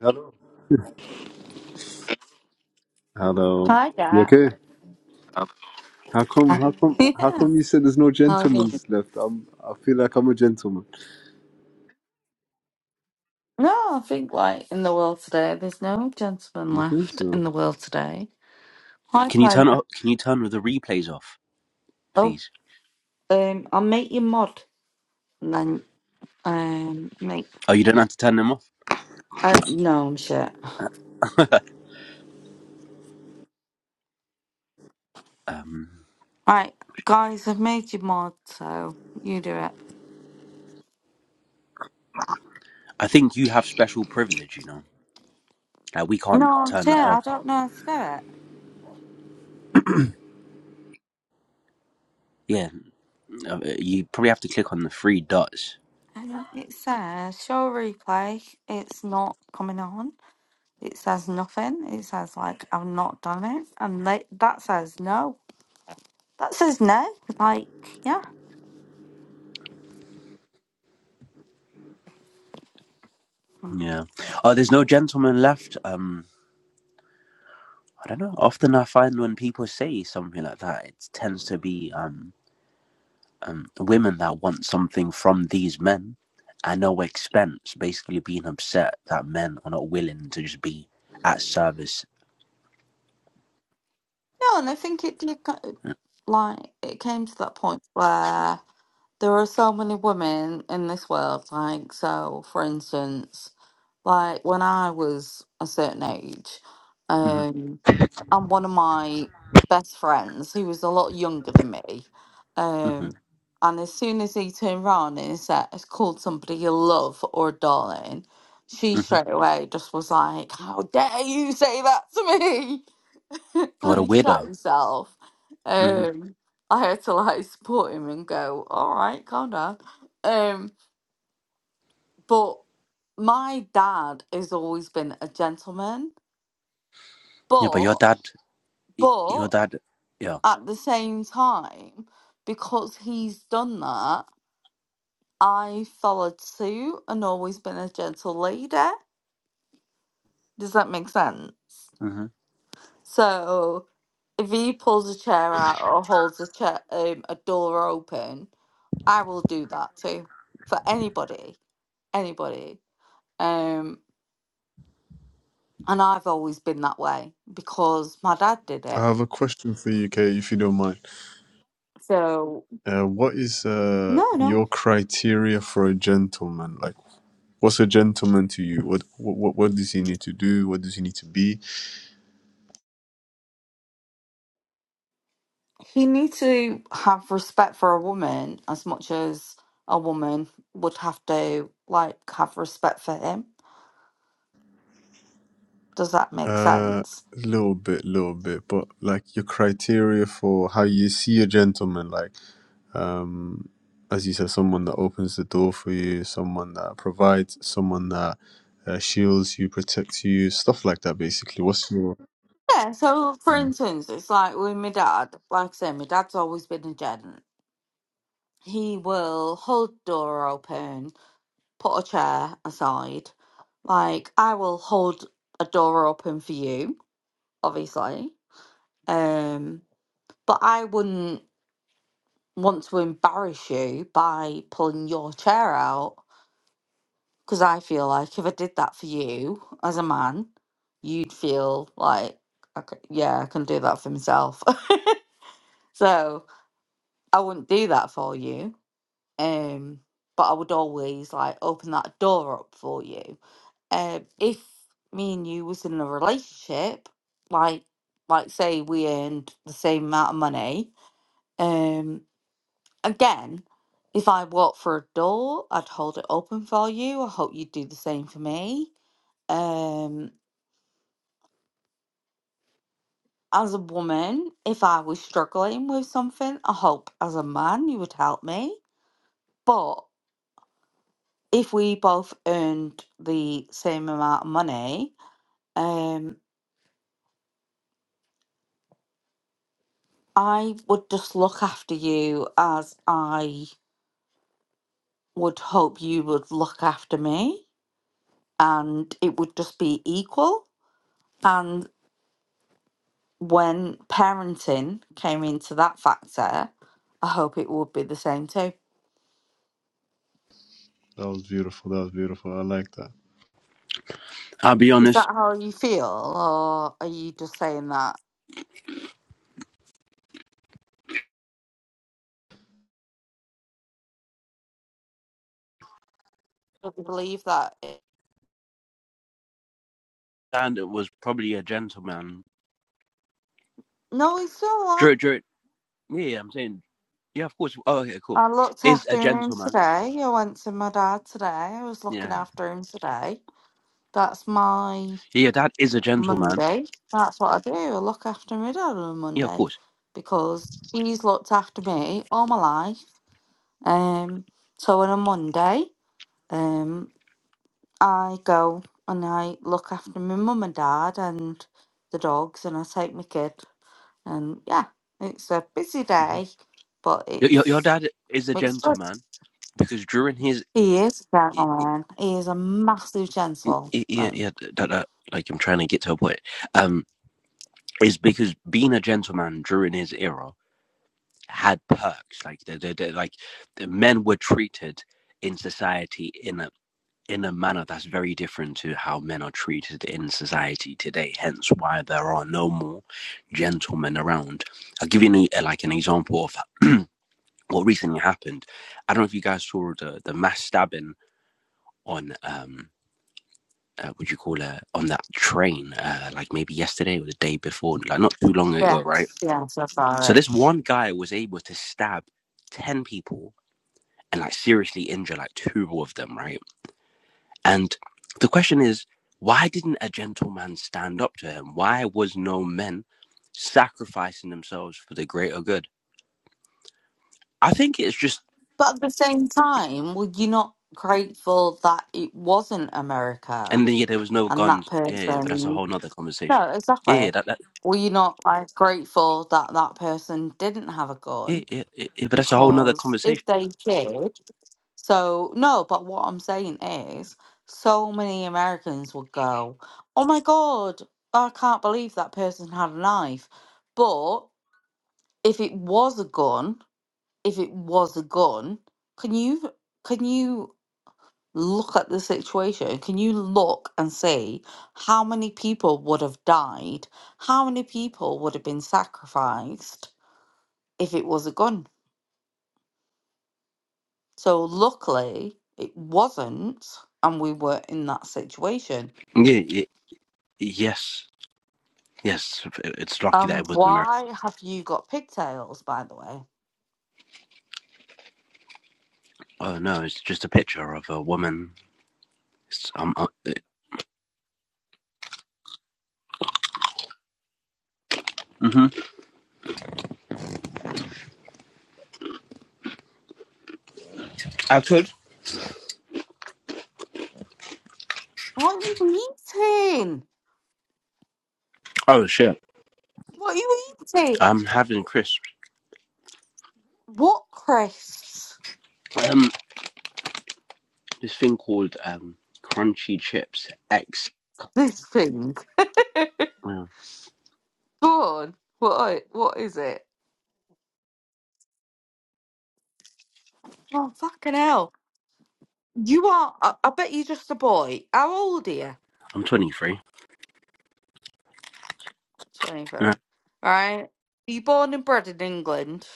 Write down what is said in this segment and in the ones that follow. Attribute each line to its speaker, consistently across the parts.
Speaker 1: Hello. Hello.
Speaker 2: Hi,
Speaker 1: You
Speaker 2: Jack.
Speaker 1: okay? How come? How come? How
Speaker 2: Yeah,
Speaker 1: come you said there's no
Speaker 2: how are you?
Speaker 1: gentlemen's left? I'm. I feel like I'm a gentleman.
Speaker 2: No, I think like in the world today, there's no gentleman
Speaker 1: You think
Speaker 2: left
Speaker 1: so?
Speaker 2: in the world today. Hi,
Speaker 3: Can you turn
Speaker 2: Pilot.
Speaker 3: off? Can you turn the replays off,
Speaker 2: Oh,
Speaker 3: please?
Speaker 2: um, I'll make you mod and then um make.
Speaker 3: Oh, you don't have to turn them off.
Speaker 2: Uh, no, I'm shit.
Speaker 3: Um,
Speaker 2: Right, guys, I've made you mod, so you do it.
Speaker 3: I think you have special privilege. You know, like we can't
Speaker 2: No, I'm
Speaker 3: turn
Speaker 2: shit.
Speaker 3: that
Speaker 2: I
Speaker 3: off.
Speaker 2: don't know how to do it.
Speaker 3: Yeah, uh, you probably have to click on the three dots.
Speaker 2: Hang on, It says show replay. It's not coming on. It says nothing. It says like I've not done it, and they, that says no. That says no. Like, yeah. Mm.
Speaker 3: Yeah. Oh, there's no gentleman left. Um, I don't know. Often I find when people say something like that, it tends to be um, um women that want something from these men at no expense, basically being upset that men are not willing to just be at service.
Speaker 2: No, and I think it did, go- like, it came to that point where there are so many women in this world. Like, so, for instance. Like when I was a certain age,
Speaker 3: hmm
Speaker 2: um, and one of my best friends, who was a lot younger than me, um, and as soon as he turned round and said, called somebody a love or a darling, she straight away just was like, How dare you say that to me?
Speaker 3: What
Speaker 2: and
Speaker 3: a
Speaker 2: he shut
Speaker 3: weirdo.
Speaker 2: himself.
Speaker 3: hmm
Speaker 2: Um, I had to like support him and go, All right, calm down. Um, but my dad has always been a gentleman,
Speaker 3: Yeah, but your
Speaker 2: but
Speaker 3: dad, your
Speaker 2: but
Speaker 3: dad, yeah.
Speaker 2: at the same time, because he's done that, I followed suit and always been a gentle lady. Does that make sense?
Speaker 3: hmm
Speaker 2: So if he pulls a chair out or holds a chair um, a door open, I will do that too for anybody, anybody. Um, and I've always been that way because my dad did it.
Speaker 1: I have a question for you, Kay, if you don't mind.
Speaker 2: So
Speaker 1: Uh, what is uh,
Speaker 2: No, no.
Speaker 1: your criteria for a gentleman? Like, what's a gentleman to you? What what what does he need to do? What does he need to be?
Speaker 2: He needs to have respect for a woman as much as a woman would have to like have respect for him. Does that make
Speaker 1: Uh,
Speaker 2: sense?
Speaker 1: little bit, little bit, but like your criteria for how you see a gentleman. Like, um, as you said, someone that opens the door for you, someone that provides, someone that uh, shields you, protects you, stuff like that. Basically, what's your?
Speaker 2: Yeah, so for
Speaker 1: Mm.
Speaker 2: instance, it's like with my dad, like I say, my dad's always been a gent. He will hold the door open, put a chair aside. Like I will hold a door open for you, obviously. Um but I wouldn't want to embarrass you by pulling your chair out because I feel like if I did that for you as a man, you'd feel like, okay, yeah, I can do that for myself. so I wouldn't do that for you. Um, but I would always like open that door up for you. Um, if me and you was in a relationship, like, like say we earned the same amount of money, um. Again, if I walk for a door, I'd hold it open for you. I hope you'd do the same for me. Um, as a woman, if I was struggling with something, I hope as a man you would help me. But if we both earned the same amount of money, um, I would just look after you as I would hope you would look after me, and it would just be equal. and. when parenting came into that factor, I hope it would be the same too.
Speaker 1: That was beautiful. That was beautiful. I like that.
Speaker 3: I'll be
Speaker 2: Is that
Speaker 3: honest,
Speaker 2: how you feel, or are you just saying that? Do you believe that? it-
Speaker 3: and it was probably a gentleman.
Speaker 2: No, it's all right.
Speaker 3: Drew, Drew, yeah, yeah, I'm saying, yeah, of course. Oh, okay, cool.
Speaker 2: I looked
Speaker 3: Is a
Speaker 2: after him
Speaker 3: gentleman.
Speaker 2: today. I went to my dad today. I was looking
Speaker 3: Yeah.
Speaker 2: after him today. That's my
Speaker 3: Yeah, your dad is a gentleman.
Speaker 2: Monday. That's what I do. I look after my dad on a
Speaker 3: Yeah, of
Speaker 2: Monday
Speaker 3: course.
Speaker 2: because he's looked after me all my life. Um, so on a Monday, um. I go and I look after my mum and dad and the dogs, and I take my kid. And yeah, it's a busy
Speaker 3: hmm
Speaker 2: day, but
Speaker 3: Your, your, your
Speaker 2: it's
Speaker 3: dad is a
Speaker 2: it's good.
Speaker 3: gentleman because during his,
Speaker 2: He is a gentleman. He is a massive gentleman.
Speaker 3: yeah, yeah, that, that, like I'm trying to get to a point, um, is because being a gentleman during his era had perks. Like the, the, the like the men were treated in society in a in a manner that's very different to how men are treated in society today. Hence, why there are no more gentlemen around. I'll give you an, e, uh, like an example of what recently happened. I don't know if you guys saw the the mass stabbing on um uh, would you call it on that train uh, like maybe yesterday or the day before like not too long
Speaker 2: Yeah,
Speaker 3: ago right
Speaker 2: yeah, so far
Speaker 3: so
Speaker 2: it.
Speaker 3: this one guy was able to stab 10 people and like seriously injure like two of them, right? And the question is, why didn't a gentleman stand up to him? Why was no men sacrificing themselves for the greater good? I think it's just,
Speaker 2: But at the same time, were you not grateful that it wasn't America
Speaker 3: and then yeah, there was no
Speaker 2: and that
Speaker 3: guns. Yeah, yeah, yeah, but that's a
Speaker 2: person?
Speaker 3: whole nother
Speaker 2: No,
Speaker 3: conversation. Yeah,
Speaker 2: exactly.
Speaker 3: yeah, that, that
Speaker 2: Were you not like grateful that that person didn't have a
Speaker 3: yeah,
Speaker 2: gun
Speaker 3: yeah, yeah, yeah, but that's a whole nother
Speaker 2: because if
Speaker 3: conversation.
Speaker 2: they did, so no, but what I'm saying is, so many Americans would go, Oh my God, I can't believe that person had a knife. But if it was a gun, if it was a gun, can you can you look at the situation? Can you look and see how many people would have died? How many people would have been sacrificed if it was a gun? So luckily, it wasn't, and we were in that situation.
Speaker 3: Yeah, yeah, yes, yes. It's lucky that
Speaker 2: Um,
Speaker 3: it wasn't America.
Speaker 2: why have you got pigtails, by the way?
Speaker 3: Oh no, it's just a picture of a woman. It's, um, uh, hmm I could.
Speaker 2: What are you eating?
Speaker 3: Oh shit!
Speaker 2: What are you eating?
Speaker 3: I'm having crisps.
Speaker 2: What crisps?
Speaker 3: Um, this thing called um, crunchy chips X.
Speaker 2: This thing.
Speaker 3: Well,
Speaker 2: Go on. What, are- what is it? Oh, fucking hell. You are, I, I bet you're just a boy. How old are you?
Speaker 3: I'm 23 and
Speaker 2: 23. Right? You born and bred in England?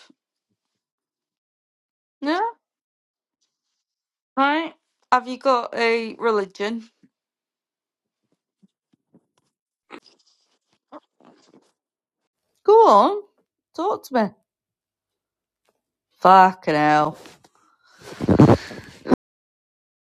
Speaker 2: Yeah? Right? Have you got a religion? Go on, talk to me. Fucking hell.